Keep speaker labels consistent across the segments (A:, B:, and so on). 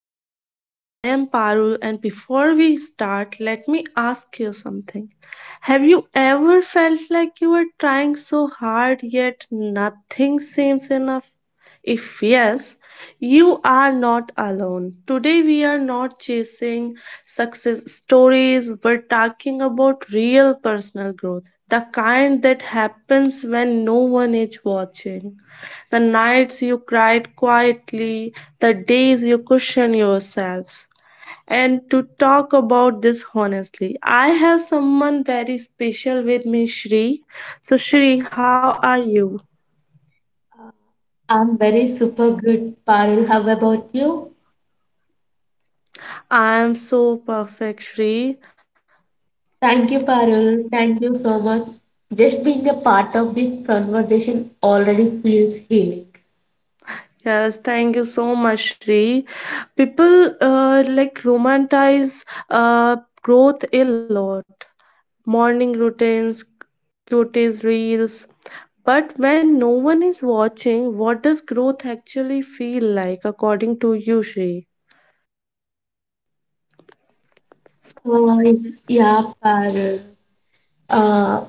A: Tarkis. I am Parul, and before we start, let me ask you something. Have you ever felt like you were trying so hard yet nothing seems enough? If yes, you are not alone. Today, we are not chasing success stories, we're talking about real personal growth, the kind that happens when no one is watching. The nights you cried quietly, the days you cushioned yourselves. And to talk about this honestly, I have someone very special with me, Shri. So, Shri, how are you?
B: I'm very super good, Parul. How about you?
A: I am so perfect, Shri.
B: Thank you, Parul. Thank you so much. Just being a part of this conversation already feels healing.
A: Yes, thank you so much, Shri. People like romanticize growth a lot. Morning routines, cuties, reels. But when no one is watching, what does growth actually feel like, according to you, Shri?
B: Oh, yeah, Parul. Uh,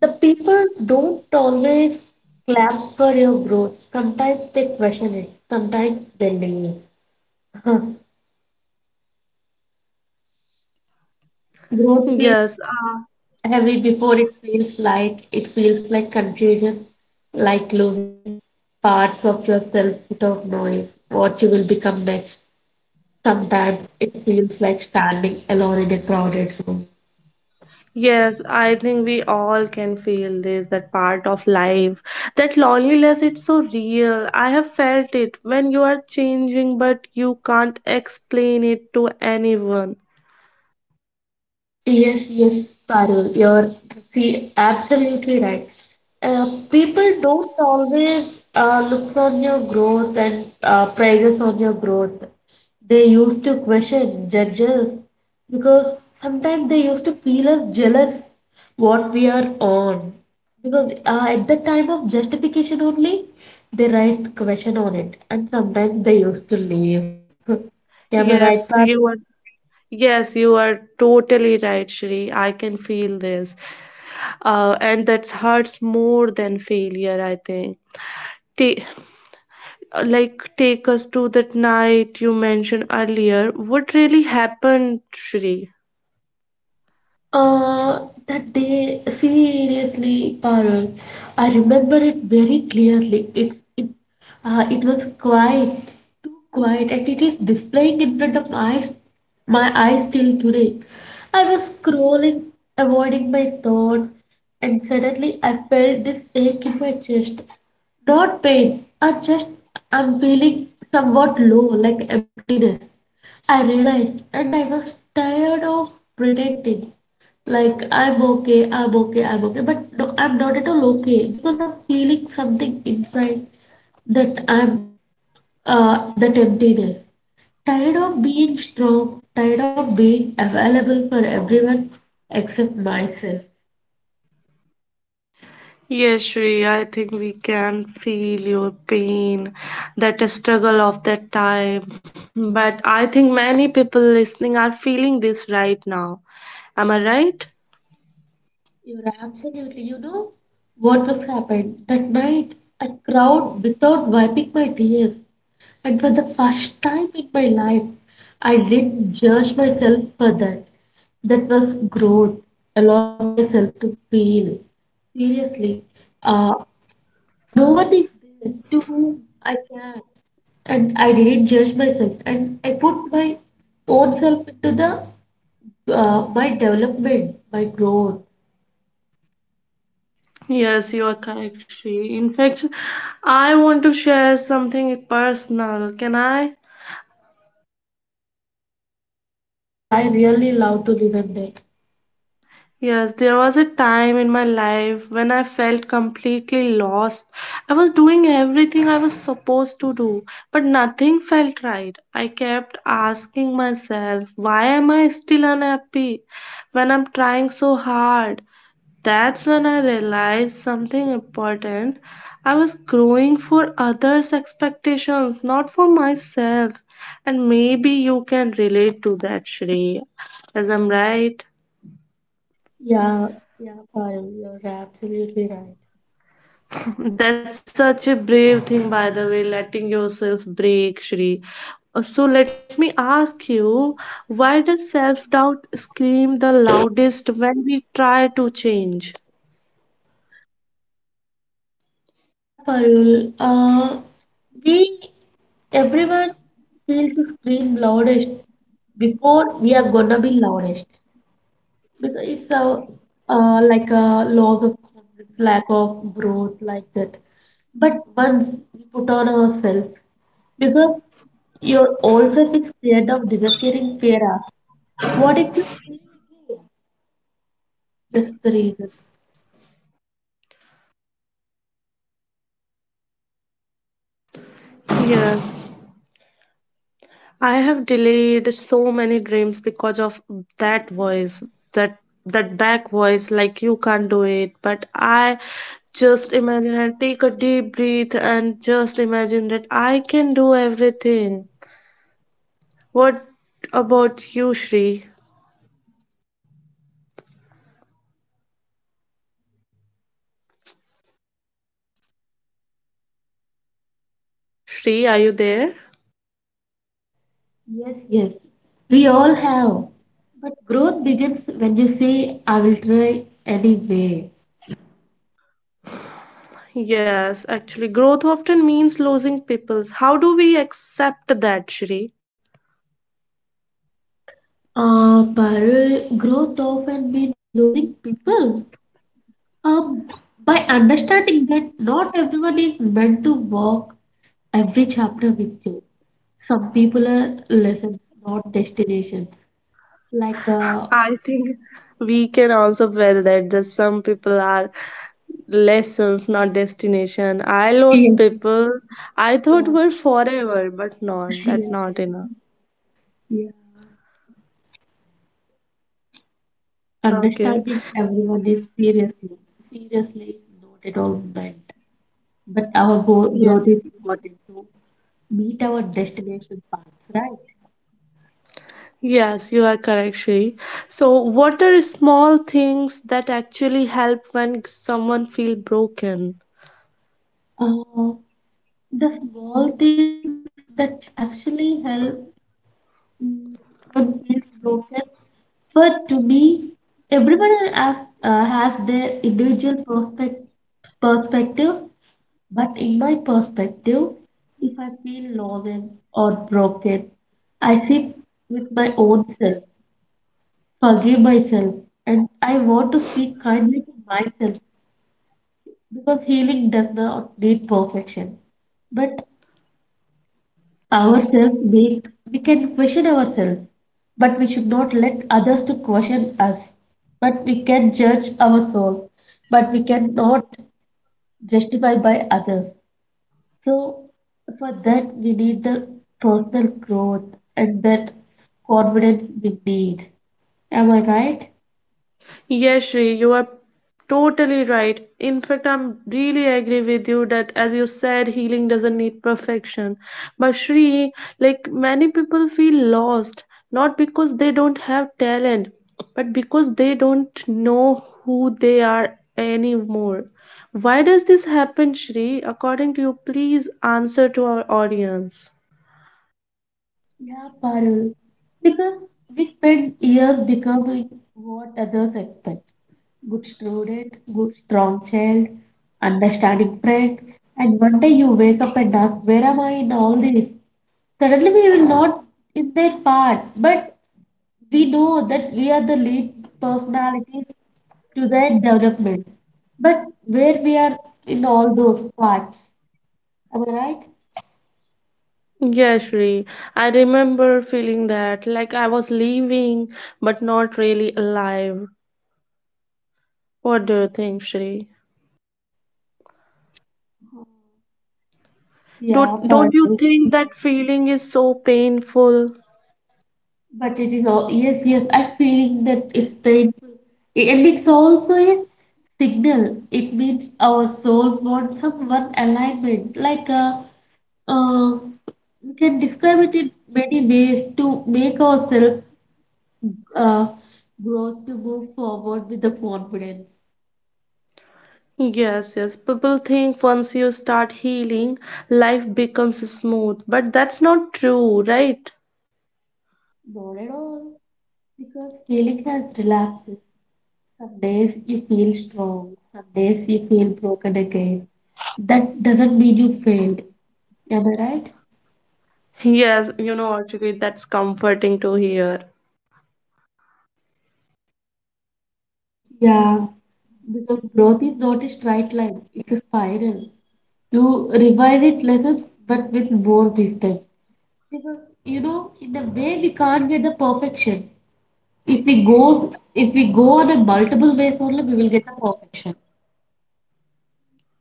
B: the people don't always clap for your growth. Sometimes they question it, sometimes they leave. Growth feels
A: Yes,
B: heavy before it feels light. It feels like confusion, like losing parts of yourself without knowing what you will become next. Sometimes it feels like standing alone in a crowded room.
A: yes, I think we all can feel this, that part of life. That loneliness, it's so real. I have felt it when you are changing, but you can't explain it to anyone.
B: Yes, Parul, you're see absolutely right. People don't always looks on your growth and praises on your growth. They used to question, judge us because sometimes they used to feel us jealous what we are on. Because at the time of justification only, they raised question on it, and sometimes they used to leave. Am I
A: Yes,
B: right, Parul?
A: you are. Yes, you are totally right, Shri. I can feel this. And that hurts more than failure, I think. Take, Take us to that night you mentioned earlier. What really happened, Shri?
B: That day, seriously, Parul, I remember it very clearly. It, it was quiet, too quiet, and it is displaying in front of my eyes till today. I was scrolling, avoiding my thoughts, and suddenly I felt this ache in my chest. Not pain, I just I'm feeling somewhat low, like emptiness. I realized, and I was tired of pretending like I'm okay, I'm okay, I'm okay, but no, I'm not at all okay because I'm feeling something inside that I'm that emptiness. Tired of being strong, tired of being available for everyone except myself.
A: Yes, Shri, I think we can feel your pain, that struggle of that time. But I think many people listening are feeling this right now. Am I right?
B: You're absolutely, you know what was happened that night. A crowd without wiping my tears. And for the first time in my life, I didn't judge myself for that. That was growth, allowing myself to feel. Seriously, uh, no one is there to whom I can. And I didn't judge myself. And I put my own self into the my development, my growth.
A: Yes, you are correct, Shri. In fact, I want to share something personal. Can I?
B: Yeah, yeah, Parul, I really love to listen that.
A: Yes, there was a time in my life when I felt completely lost. I was doing everything I was supposed to do, but nothing felt right. I kept asking myself, why am I still unhappy when I'm trying so hard? That's when I realized something important. I was growing for others' expectations, not for myself. And maybe you can relate to that, Shri, as I'm right.
B: Yeah, yeah, Parul, you're absolutely right.
A: That's such a brave thing, by the way, letting yourself break, Shri. So let me ask you, why does self-doubt scream the loudest when we try to change?
B: Yeah, Parul. We everyone feel to scream loudest before we are gonna be loudest because it's a like a loss of confidence, lack of growth, like that. But once we put on ourselves, because your old self is scared of disappearing, fear us. What if you fail again? That's the reason.
A: Yes, I have delayed so many dreams because of that voice, that that back voice, like you can't do it. But I just imagine and take a deep breath and just imagine that I can do everything. What about you, Shri? Shri, are you there?
B: Yes, yes. We all have. But growth begins when you say, I will try anyway.
A: Yes, actually, growth often means losing peoples. How do we accept that, Shri?
B: But growth often means losing people. Um, by understanding that not everyone is meant to walk every chapter with you. Some people are lessons, not destinations. Like, uh,
A: I think we can also feel that the some people are lessons, not destination. I lost
B: yes,
A: people I thought
B: uh,
A: were forever, but not that
B: yes,
A: not
B: yes,
A: enough.
B: yeah.
A: Okay.
B: Understanding everyone is seriously, seriously is not at all meant. But our
A: Yes.
B: growth is important to meet our destination paths, right?
A: Yes, you are correct, Shri. So, what are small things that actually help when someone feel broken?
B: Uh, the small things that actually help mm, when feels broken. For to me, everyone has their individual prospect perspectives. But in my perspective, if I feel lost or broken, I sit with my own self, forgive myself, and I want to speak kindly to myself because healing does not need perfection. But ourselves make we can question ourselves, but we should not let others to question us. But we can judge our souls, but we cannot justify by others. So for that we need the personal growth and that confidence we need. Am I right?
A: Yes, Shri, you are totally right. In fact, I'm really agree with you that as you said, healing doesn't need perfection. But Shri, like many people feel lost, not because they don't have talent, but because they don't know who they are anymore. Why does this happen, Shri? According to you, please answer to our audience.
B: Yeah, Parul. Because we spend years becoming what others expect. Good student, good strong child, understanding friend, and one day you wake up and ask, where am I in all this? Suddenly we will not in their part, but we know that we are the lead personalities to their development. But where we are in all those parts, am I right?
A: Yeah, Shri. I remember feeling that, like I was leaving, but not really alive. What do you think, Shri?
B: Yeah,
A: Don't
B: Parul.
A: you think
B: Yes.
A: that feeling is so painful?
B: But it is all, yes, yes, I feel that it's painful. And it's also a signal. It means our souls want some one alignment. Uh, we can describe it in many ways to make ourselves uh, growth to move forward with the confidence.
A: Yes, yes. People think once you start healing, life becomes smooth, but that's not true, right?
B: Not at all, because healing has relapses. Some days you feel strong, some days you feel broken again. That doesn't mean you failed. Am I right?
A: Yes, you know, actually, that's comforting to hear.
B: Yeah, because growth is not a straight line, it's a spiral. You revise it lessons, but with more wisdom. Because you know, in a way, we can't get the perfection. If we goes, if we go on a multiple ways only, we will get the perfection.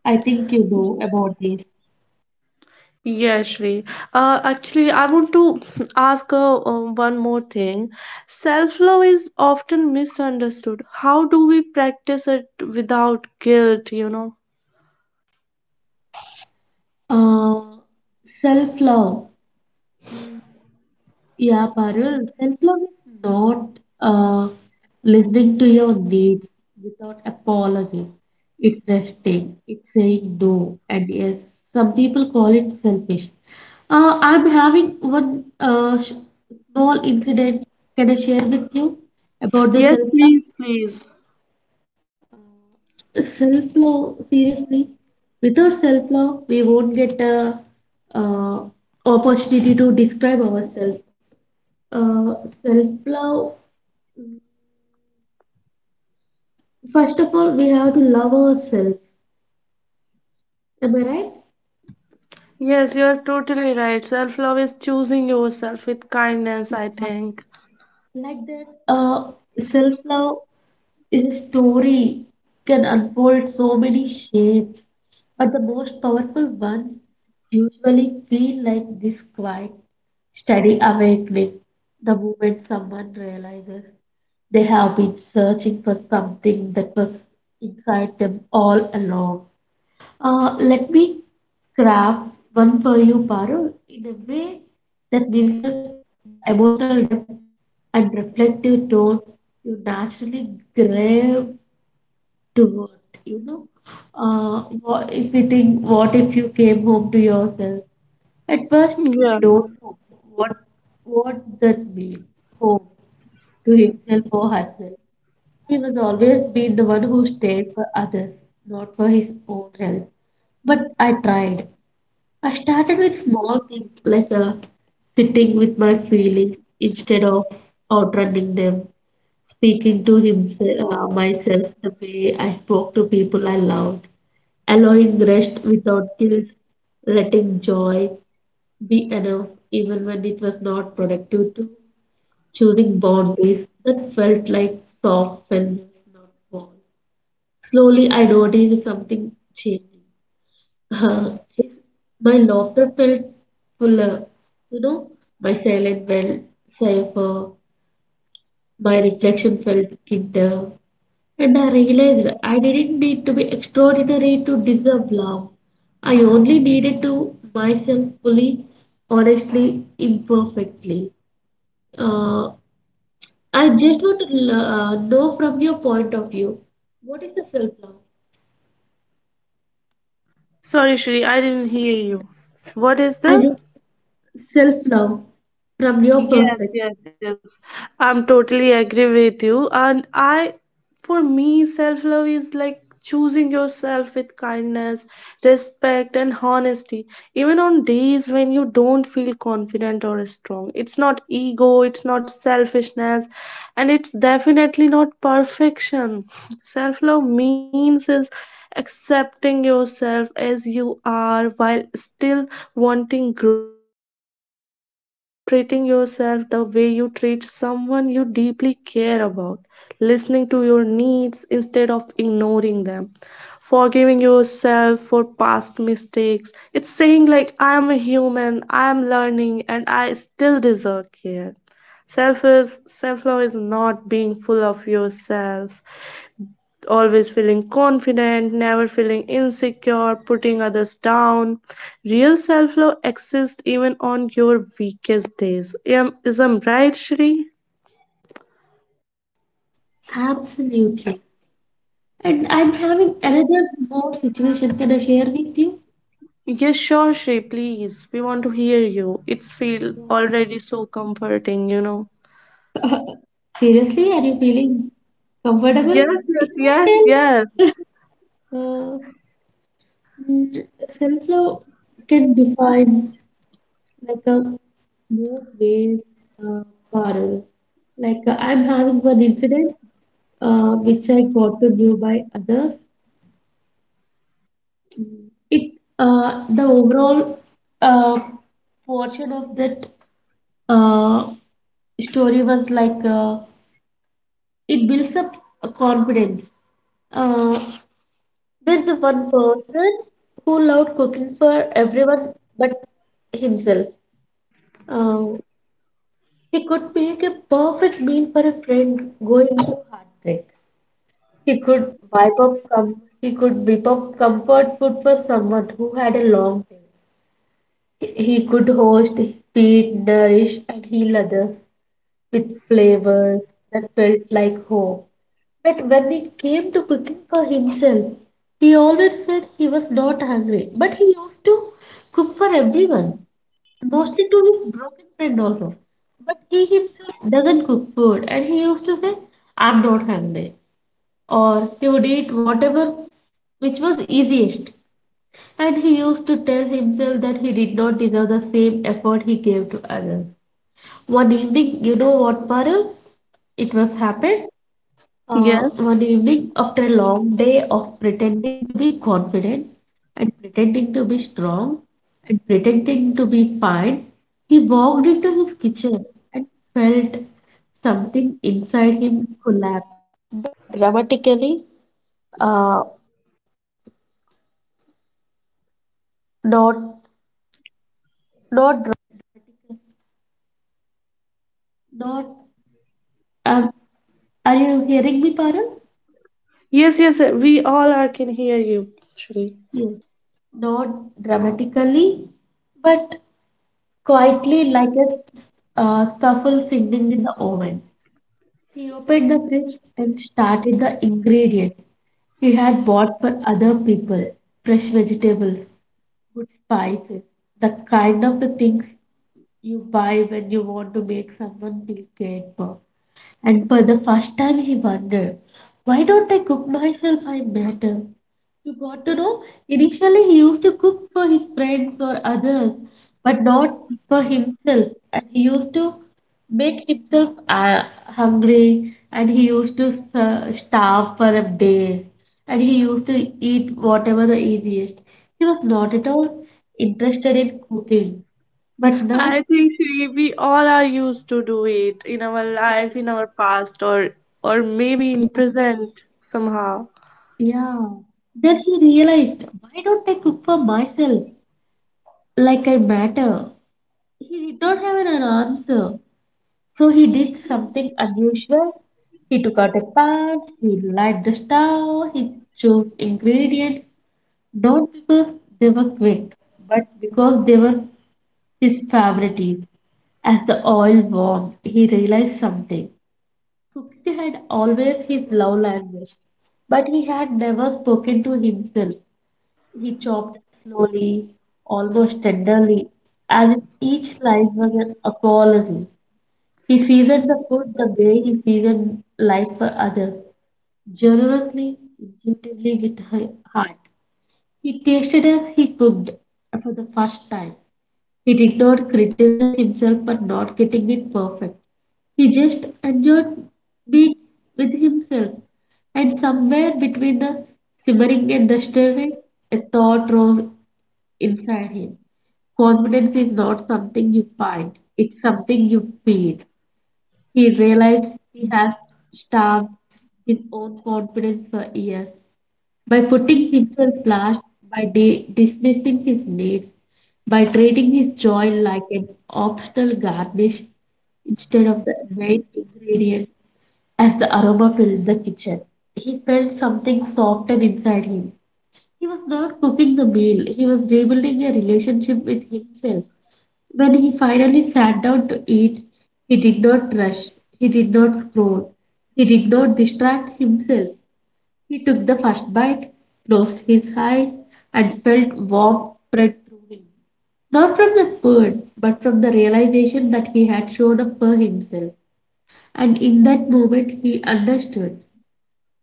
B: I think you know about this.
A: Yes, Shri. Actually, I want to ask one more thing. Self-love is often misunderstood. How do we practice it without guilt, you know?
B: Uh, Self-love. Yeah, Parul, self-love is not uh, listening to your needs without apology. It's resting, it's saying no and yes. Some people call it selfish. I'm having one small incident. Can I share with you about the
A: Yes,
B: self-love?
A: please, please.
B: Self-love, seriously, without self-love, we won't get a uh, opportunity to describe ourselves. Uh, Self-love. First of all, we have to love ourselves. Am I right?
A: Yes, you're totally right. Self love is choosing yourself with kindness,
B: Yeah.
A: I think.
B: Like that, uh, Self love is a story can unfold so many shapes, but the most powerful ones usually feel like this quiet, steady awakening. The moment someone realizes they have been searching for something that was inside them all along. Let me craft one for you, Parul, in a way that mirrors the emotional depth and reflective tone you naturally grave toward. You know, what if we think, what if you came home to yourself? At first, we
A: Yeah.
B: don't know what what that means, home to himself or herself. He was always been the one who stayed for others, not for his own health. But I tried. I started with small things like sitting with my feelings instead of outrunning them, speaking to himself, myself the way I spoke to people I loved, allowing rest without guilt, letting joy be enough even when it was not productive, to choosing boundaries that felt like soft fences, not walls. Slowly, I noticed something changing. Uh, his, my laughter felt fuller, you know, my silence felt safer, my reflection felt kinder, and I realized I didn't need to be extraordinary to deserve love. I only needed to myself fully, honestly, imperfectly. Uh, I just want to know from your point of view, what is the self love?
A: Sorry, Shri, I didn't hear you. What is
B: I
A: the?
B: just self-love from your
A: Yes,
B: perspective.
A: yes, yes. I'm totally agree with you. And I, for me, self love is like choosing yourself with kindness, respect, and honesty. Even on days when you don't feel confident or strong, it's not ego, it's not selfishness, and it's definitely not perfection. Self love means is accepting yourself as you are while still wanting grow treating yourself the way you treat someone you deeply care about, listening to your needs instead of ignoring them, forgiving yourself for past mistakes. It's saying, like, I am a human, I am learning, and I still deserve care. Self self love is not being full of yourself always feeling confident, never feeling insecure, putting others down. Real self love exists even on your weakest days. Is I'm right, Shri?
B: Absolutely. And I'm having another more situation. Can I share with you?
A: Yes, sure, Shri, please. We want to hear you. It's feel
B: Yeah.
A: already so comforting, you know.
B: Seriously, are you feeling comfortable?
A: Yes,
B: If
A: yes,
B: not,
A: yes,
B: tell
A: yes.
B: them. Uh, Self-love can define like a both ways uh, parallel. Like I'm having one incident which I got to do by others. It The overall uh, portion of that uh, story was like it builds up a confidence. uh, there's the one person who loved cooking for everyone but himself. Um, he could make a perfect meal for a friend going through heartbreak. He could wipe up com- he could whip up comfort food for someone who had a long day. He could host, feed, nourish, and heal others with flavors that felt like home. But when it came to cooking for himself, he always said he was not hungry. But he used to cook for everyone, mostly to his broken friend also. But he himself doesn't cook food, and he used to say, I'm not hungry. Or he would eat whatever which was easiest, and he used to tell himself that he did not deserve the same effort he gave to others. One evening, you know what, Parul? It was happened.
A: Yes.
B: One evening, after a long day of pretending to be confident and pretending to be strong and pretending to be fine, he walked into his kitchen and felt something inside him. Not, um, are you hearing me, Parul?
A: Yes, yes, we all are can hear you, Shri.
B: Yes. Not dramatically, but quietly like a scuffle singing in the oven. He opened the fridge and started the ingredients he had bought for other people, fresh vegetables, good spices, the kind of the things you buy when you want to make someone feel cared for. And for the first time, he wondered, why don't I cook myself? I matter. You got to know, initially he used to cook for his friends or others, but not for himself. And he used to make himself hungry, and he used to starve for a days, and he used to eat whatever the easiest. He was not at all interested in cooking, but
A: I
B: now
A: think we all are used to do it in our life, in our past, or maybe in present somehow.
B: yeah. Then he realized, why don't I cook for myself like I matter? He did not have an answer. So he did something unusual. He took out a pan, he lighted the stove, he chose ingredients, not because they were quick, but because they were his favorites. As the oil warmed, he realized something. Cooking had always his love language, but he had never spoken to himself. He chopped slowly, almost tenderly, as if each slice was an apology. He seasoned the food the way he seasoned life for others, generously, intuitively with her heart. He tasted as he cooked for the first time. He did not criticize himself for not getting it perfect. He just enjoyed being with himself. And somewhere between the simmering and the stirring, a thought rose inside him. Confidence is not something you find, it's something you feed. He realized he has starved his own confidence for years by putting himself last, by dismissing his needs, by treating his joy like an optional garnish instead of the main ingredient as the aroma filled the kitchen. He felt something soften inside him. He was not cooking the meal, he was rebuilding a relationship with himself. When he finally sat down to eat, he did not rush, he did not scroll, he did not distract himself. He took the first bite, closed his eyes, and felt warmth spread through him. Not from the food, but from the realization that he had shown up for himself. And in that moment, he understood.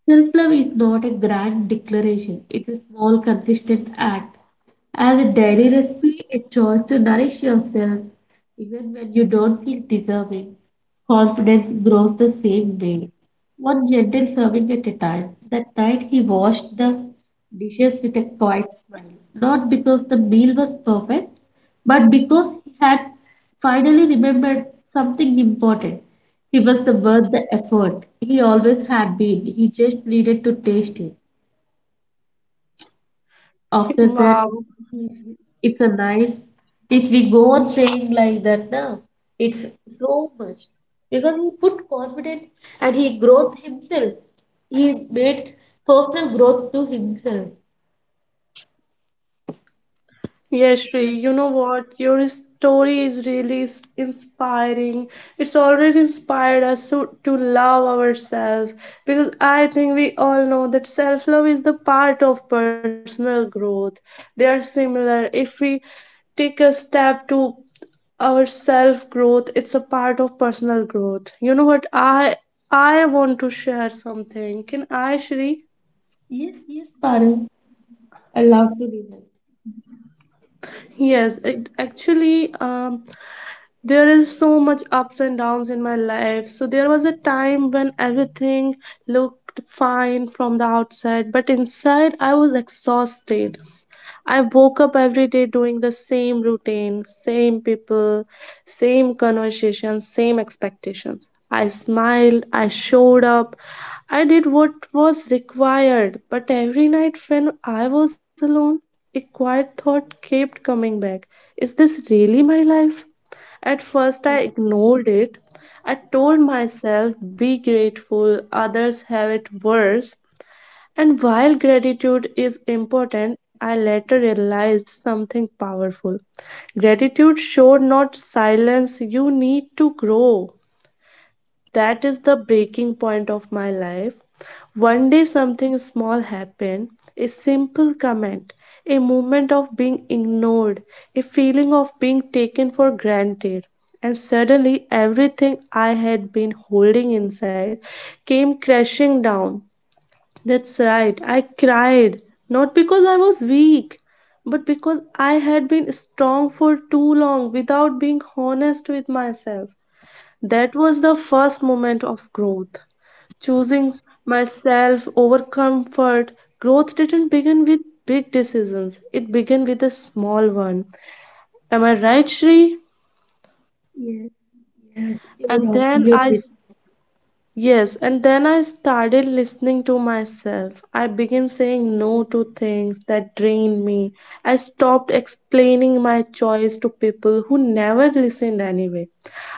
B: Self love is not a grand declaration, it's a small, consistent act. As a daily recipe, a choice to nourish yourself even when you don't feel deserving. Confidence grows the same way. One gentle serving at a time. That night he washed the dishes with a quiet smile. Not because the meal was perfect, but because he had finally remembered something important, he was the worth the effort he always had been. He just needed to taste it. After that,
A: Wow.
B: it's a nice. If we go on saying like that now, it's so much because he put confidence and he growth himself. He made personal growth to himself.
A: Yes, Shri,
B: But
A: you know what? Your story is really inspiring. It's already inspired us to love ourselves because I think we all know that self-love is the part of personal growth. They are similar. If we take a step to our self growth it's a part of personal growth. You know what? I want to share something. Can I, Shri?
B: yes, yes, Parul, allowed to listen.
A: Yes it, actually, there is so much ups and downs in my life. So there was a time when everything looked fine from the outside but inside I was exhausted. I woke up every day doing the same routine, same people, same conversations, same expectations. I smiled, I showed up, I did what was required, but every night when I was alone, a quiet thought kept coming back. Is this really my life? At first, I ignored it. I told myself, be grateful, others have it worse. And while gratitude is important, I later realized something powerful. Gratitude should not silence you need to grow. That is the breaking point of my life. One day something small happened, a simple comment, a moment of being ignored, a feeling of being taken for granted. And suddenly everything I had been holding inside came crashing down. That's right, I cried. Not because I was weak, but because I had been strong for too long without being honest with myself. That was the first moment of growth. Choosing myself over comfort. Growth didn't begin with big decisions, it began with a small one. Am I right, Shri?
B: Yes, yes, you're
A: And then I
B: absolutely.
A: Yes, and then I started listening to myself. I began saying no to things that drained me. I stopped explaining my choice to people who never listened anyway.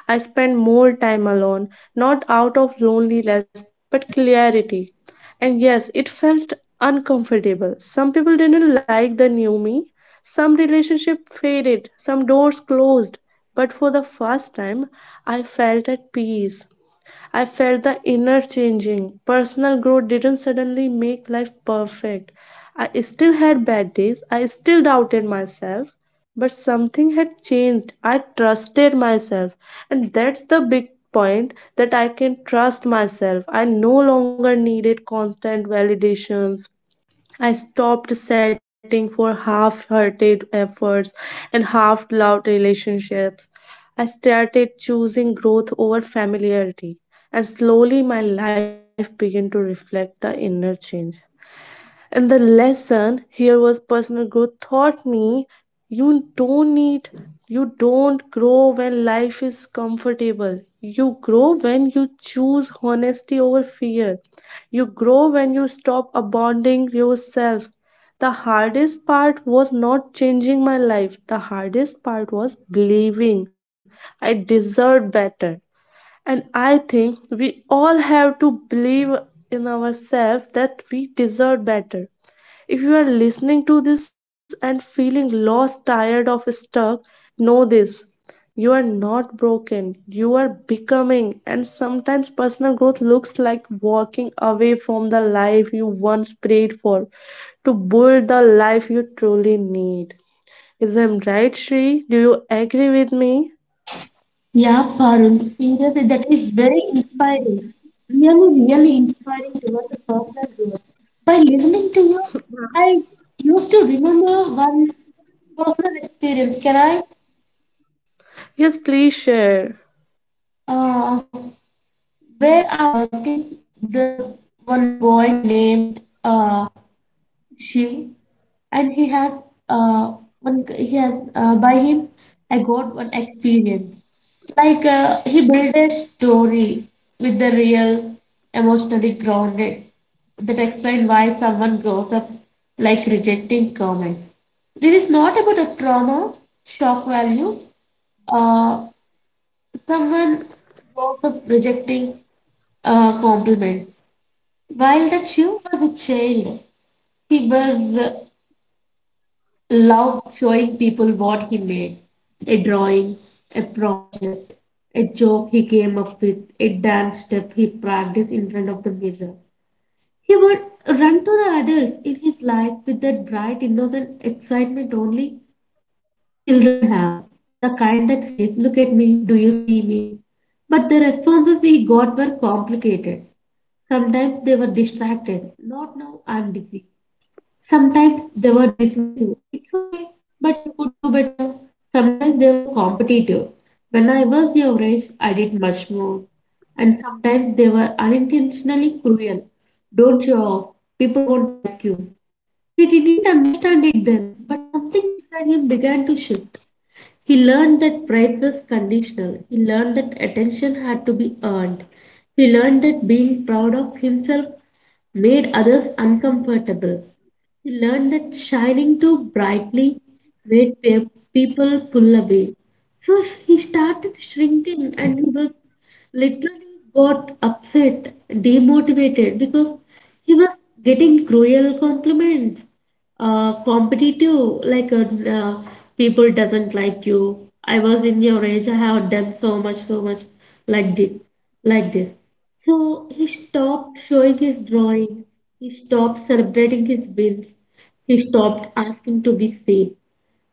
A: I spent more time alone, not out of loneliness but clarity. And yes, it felt uncomfortable. Some people didn't like the new me. Some relationship faded, some doors closed. But for the first time, I felt at peace. I felt the inner changing. Personal growth didn't suddenly make life perfect. I still had bad days. I still doubted myself. But something had changed. I trusted myself. And that's the big point that I can trust myself. I no longer needed constant validations, I stopped setting for half hearted efforts and half loved relationships. I started choosing growth over familiarity, and slowly my life began to reflect the inner change. And the lesson here was personal growth taught me you don't need, you don't grow when life is comfortable. You grow when you choose honesty over fear. You grow when you stop abandoning yourself. The hardest part was not changing my life. The hardest part was believing I deserved better. And I think we all have to believe in ourselves that we deserve better. If you are listening to this and feeling lost, tired, or stuck, know this. You are not broken. You are becoming. And sometimes personal growth looks like walking away from the life you once prayed for to build the life you truly need. Is I'm right, Shri? Do you agree with me?
B: Yeah, Parul, seriously, that is very inspiring. Really, really inspiring towards a personal growth. By listening to you, I used to remember one personal experience. Can I?
A: Yes, please share.
B: Uh, where I'm working, the one boy named she, and he has uh one he has by him I got one experience like he built a story with the real emotionally grounded that explain why someone grows up like rejecting comments. This is not about the trauma, shock value. Uh, someone grows up rejecting compliments. While that she was a child, he was. Love showing people what he made, a drawing, a project, a joke he came up with, a dance step he practiced in front of the mirror. He would run to the adults in his life with that bright, innocent excitement only children have. The kind that says, "Look at me, do you see me?" But the responses he got were complicated. Sometimes they were distracted. "Not now, I'm busy." Sometimes they were dismissive. "It's okay, but you could do better." Sometimes they were competitive. "When I was your age, I did much more." And sometimes they were unintentionally cruel. "Don't show off. People won't like you." He didn't understand it then, but something inside him began to shift. He learned that praise was conditional. He learned that attention had to be earned. He learned that being proud of himself made others uncomfortable. He learned that shining too brightly made people pull away. So he started shrinking, and he was literally got upset, demotivated because he was getting cruel compliments, competitive, like uh, people doesn't like you. I was in your age, I have done so much, so much like this, like this. So he stopped showing his drawing. He stopped celebrating his wins. He stopped asking to be seen.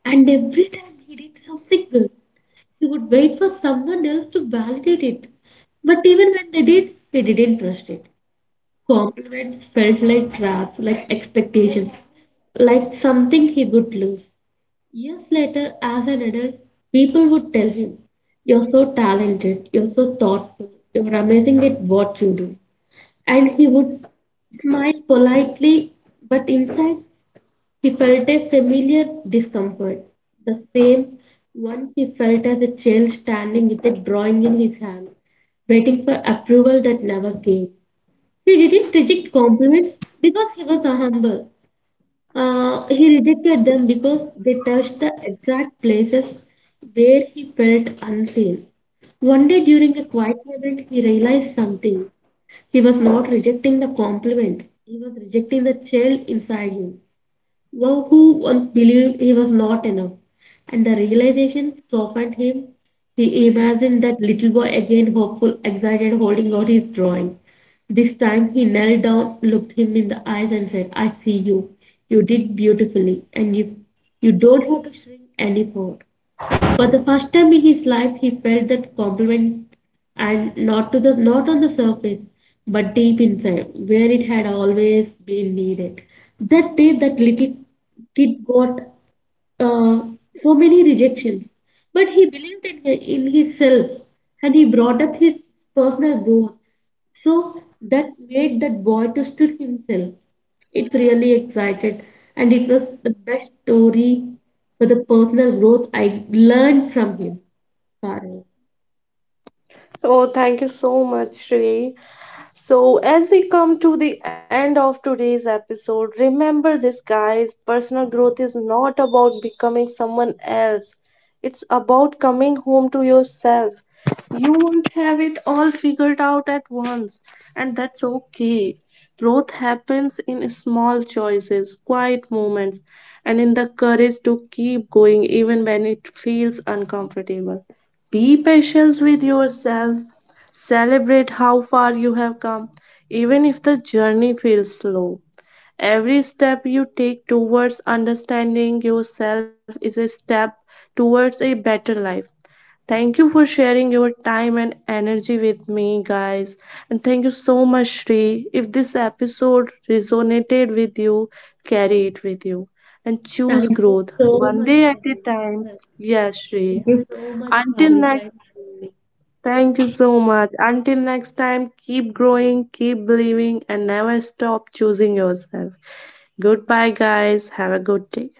B: And every time he did something good, he would wait for someone else to validate it. But even when they did, he didn't trust it. Compliments felt like traps, like expectations, like something he would lose. Years later, as an adult, people would tell him, "You're so talented, you're so thoughtful, you're amazing at what you do," and he would smile politely, but inside he felt a familiar discomfort, the same one he felt as a child standing with a drawing in his hand, waiting for approval that never came. He didn't reject compliments because he was humble. He rejected them because they touched the exact places where he felt unseen. One day during a quiet moment, he realized something. He was not rejecting the compliment, he was rejecting the child inside him, wow, who once believed he was not enough. And the realization softened him. He imagined that little boy again, hopeful, excited, holding out his drawing. This time he knelt down, looked him in the eyes, and said, "I see you. You did beautifully, and you don't have to shrink any further." For the first time in his life, he felt that compliment, and not to the not on the surface, but deep inside, where it had always been needed. That day, that little kid got uh, so many rejections. But he believed in himself, and he brought up his personal growth. So that made that boy to stood himself. It's really excited, and it was the best story for the personal growth I learned from him, Parul.
A: Oh, thank you so much, Shri. So, as we come to the end of today's episode, remember this, guys, personal growth is not about becoming someone else, it's about coming home to yourself. You won't have it all figured out at once, and that's okay. Growth happens in small choices, quiet moments, and in the courage to keep going even when it feels uncomfortable. Be patient with yourself. Celebrate how far you have come, even if the journey feels slow. Every step you take towards understanding yourself is a step towards a better life. Thank you for sharing your time and energy with me, guys. And thank you so much, Shri. If this episode resonated with you, carry it with you and choose
B: Thank you
A: growth
B: so
A: one
B: much,
A: day at a
B: Parul.
A: time.
B: Thank
A: Yes, Shri.
B: you so much,
A: Until
B: Parul, by
A: next
B: having me.
A: Thank you so much. Until next time, keep growing, keep believing, and never stop choosing yourself. Goodbye, guys. Have a good day.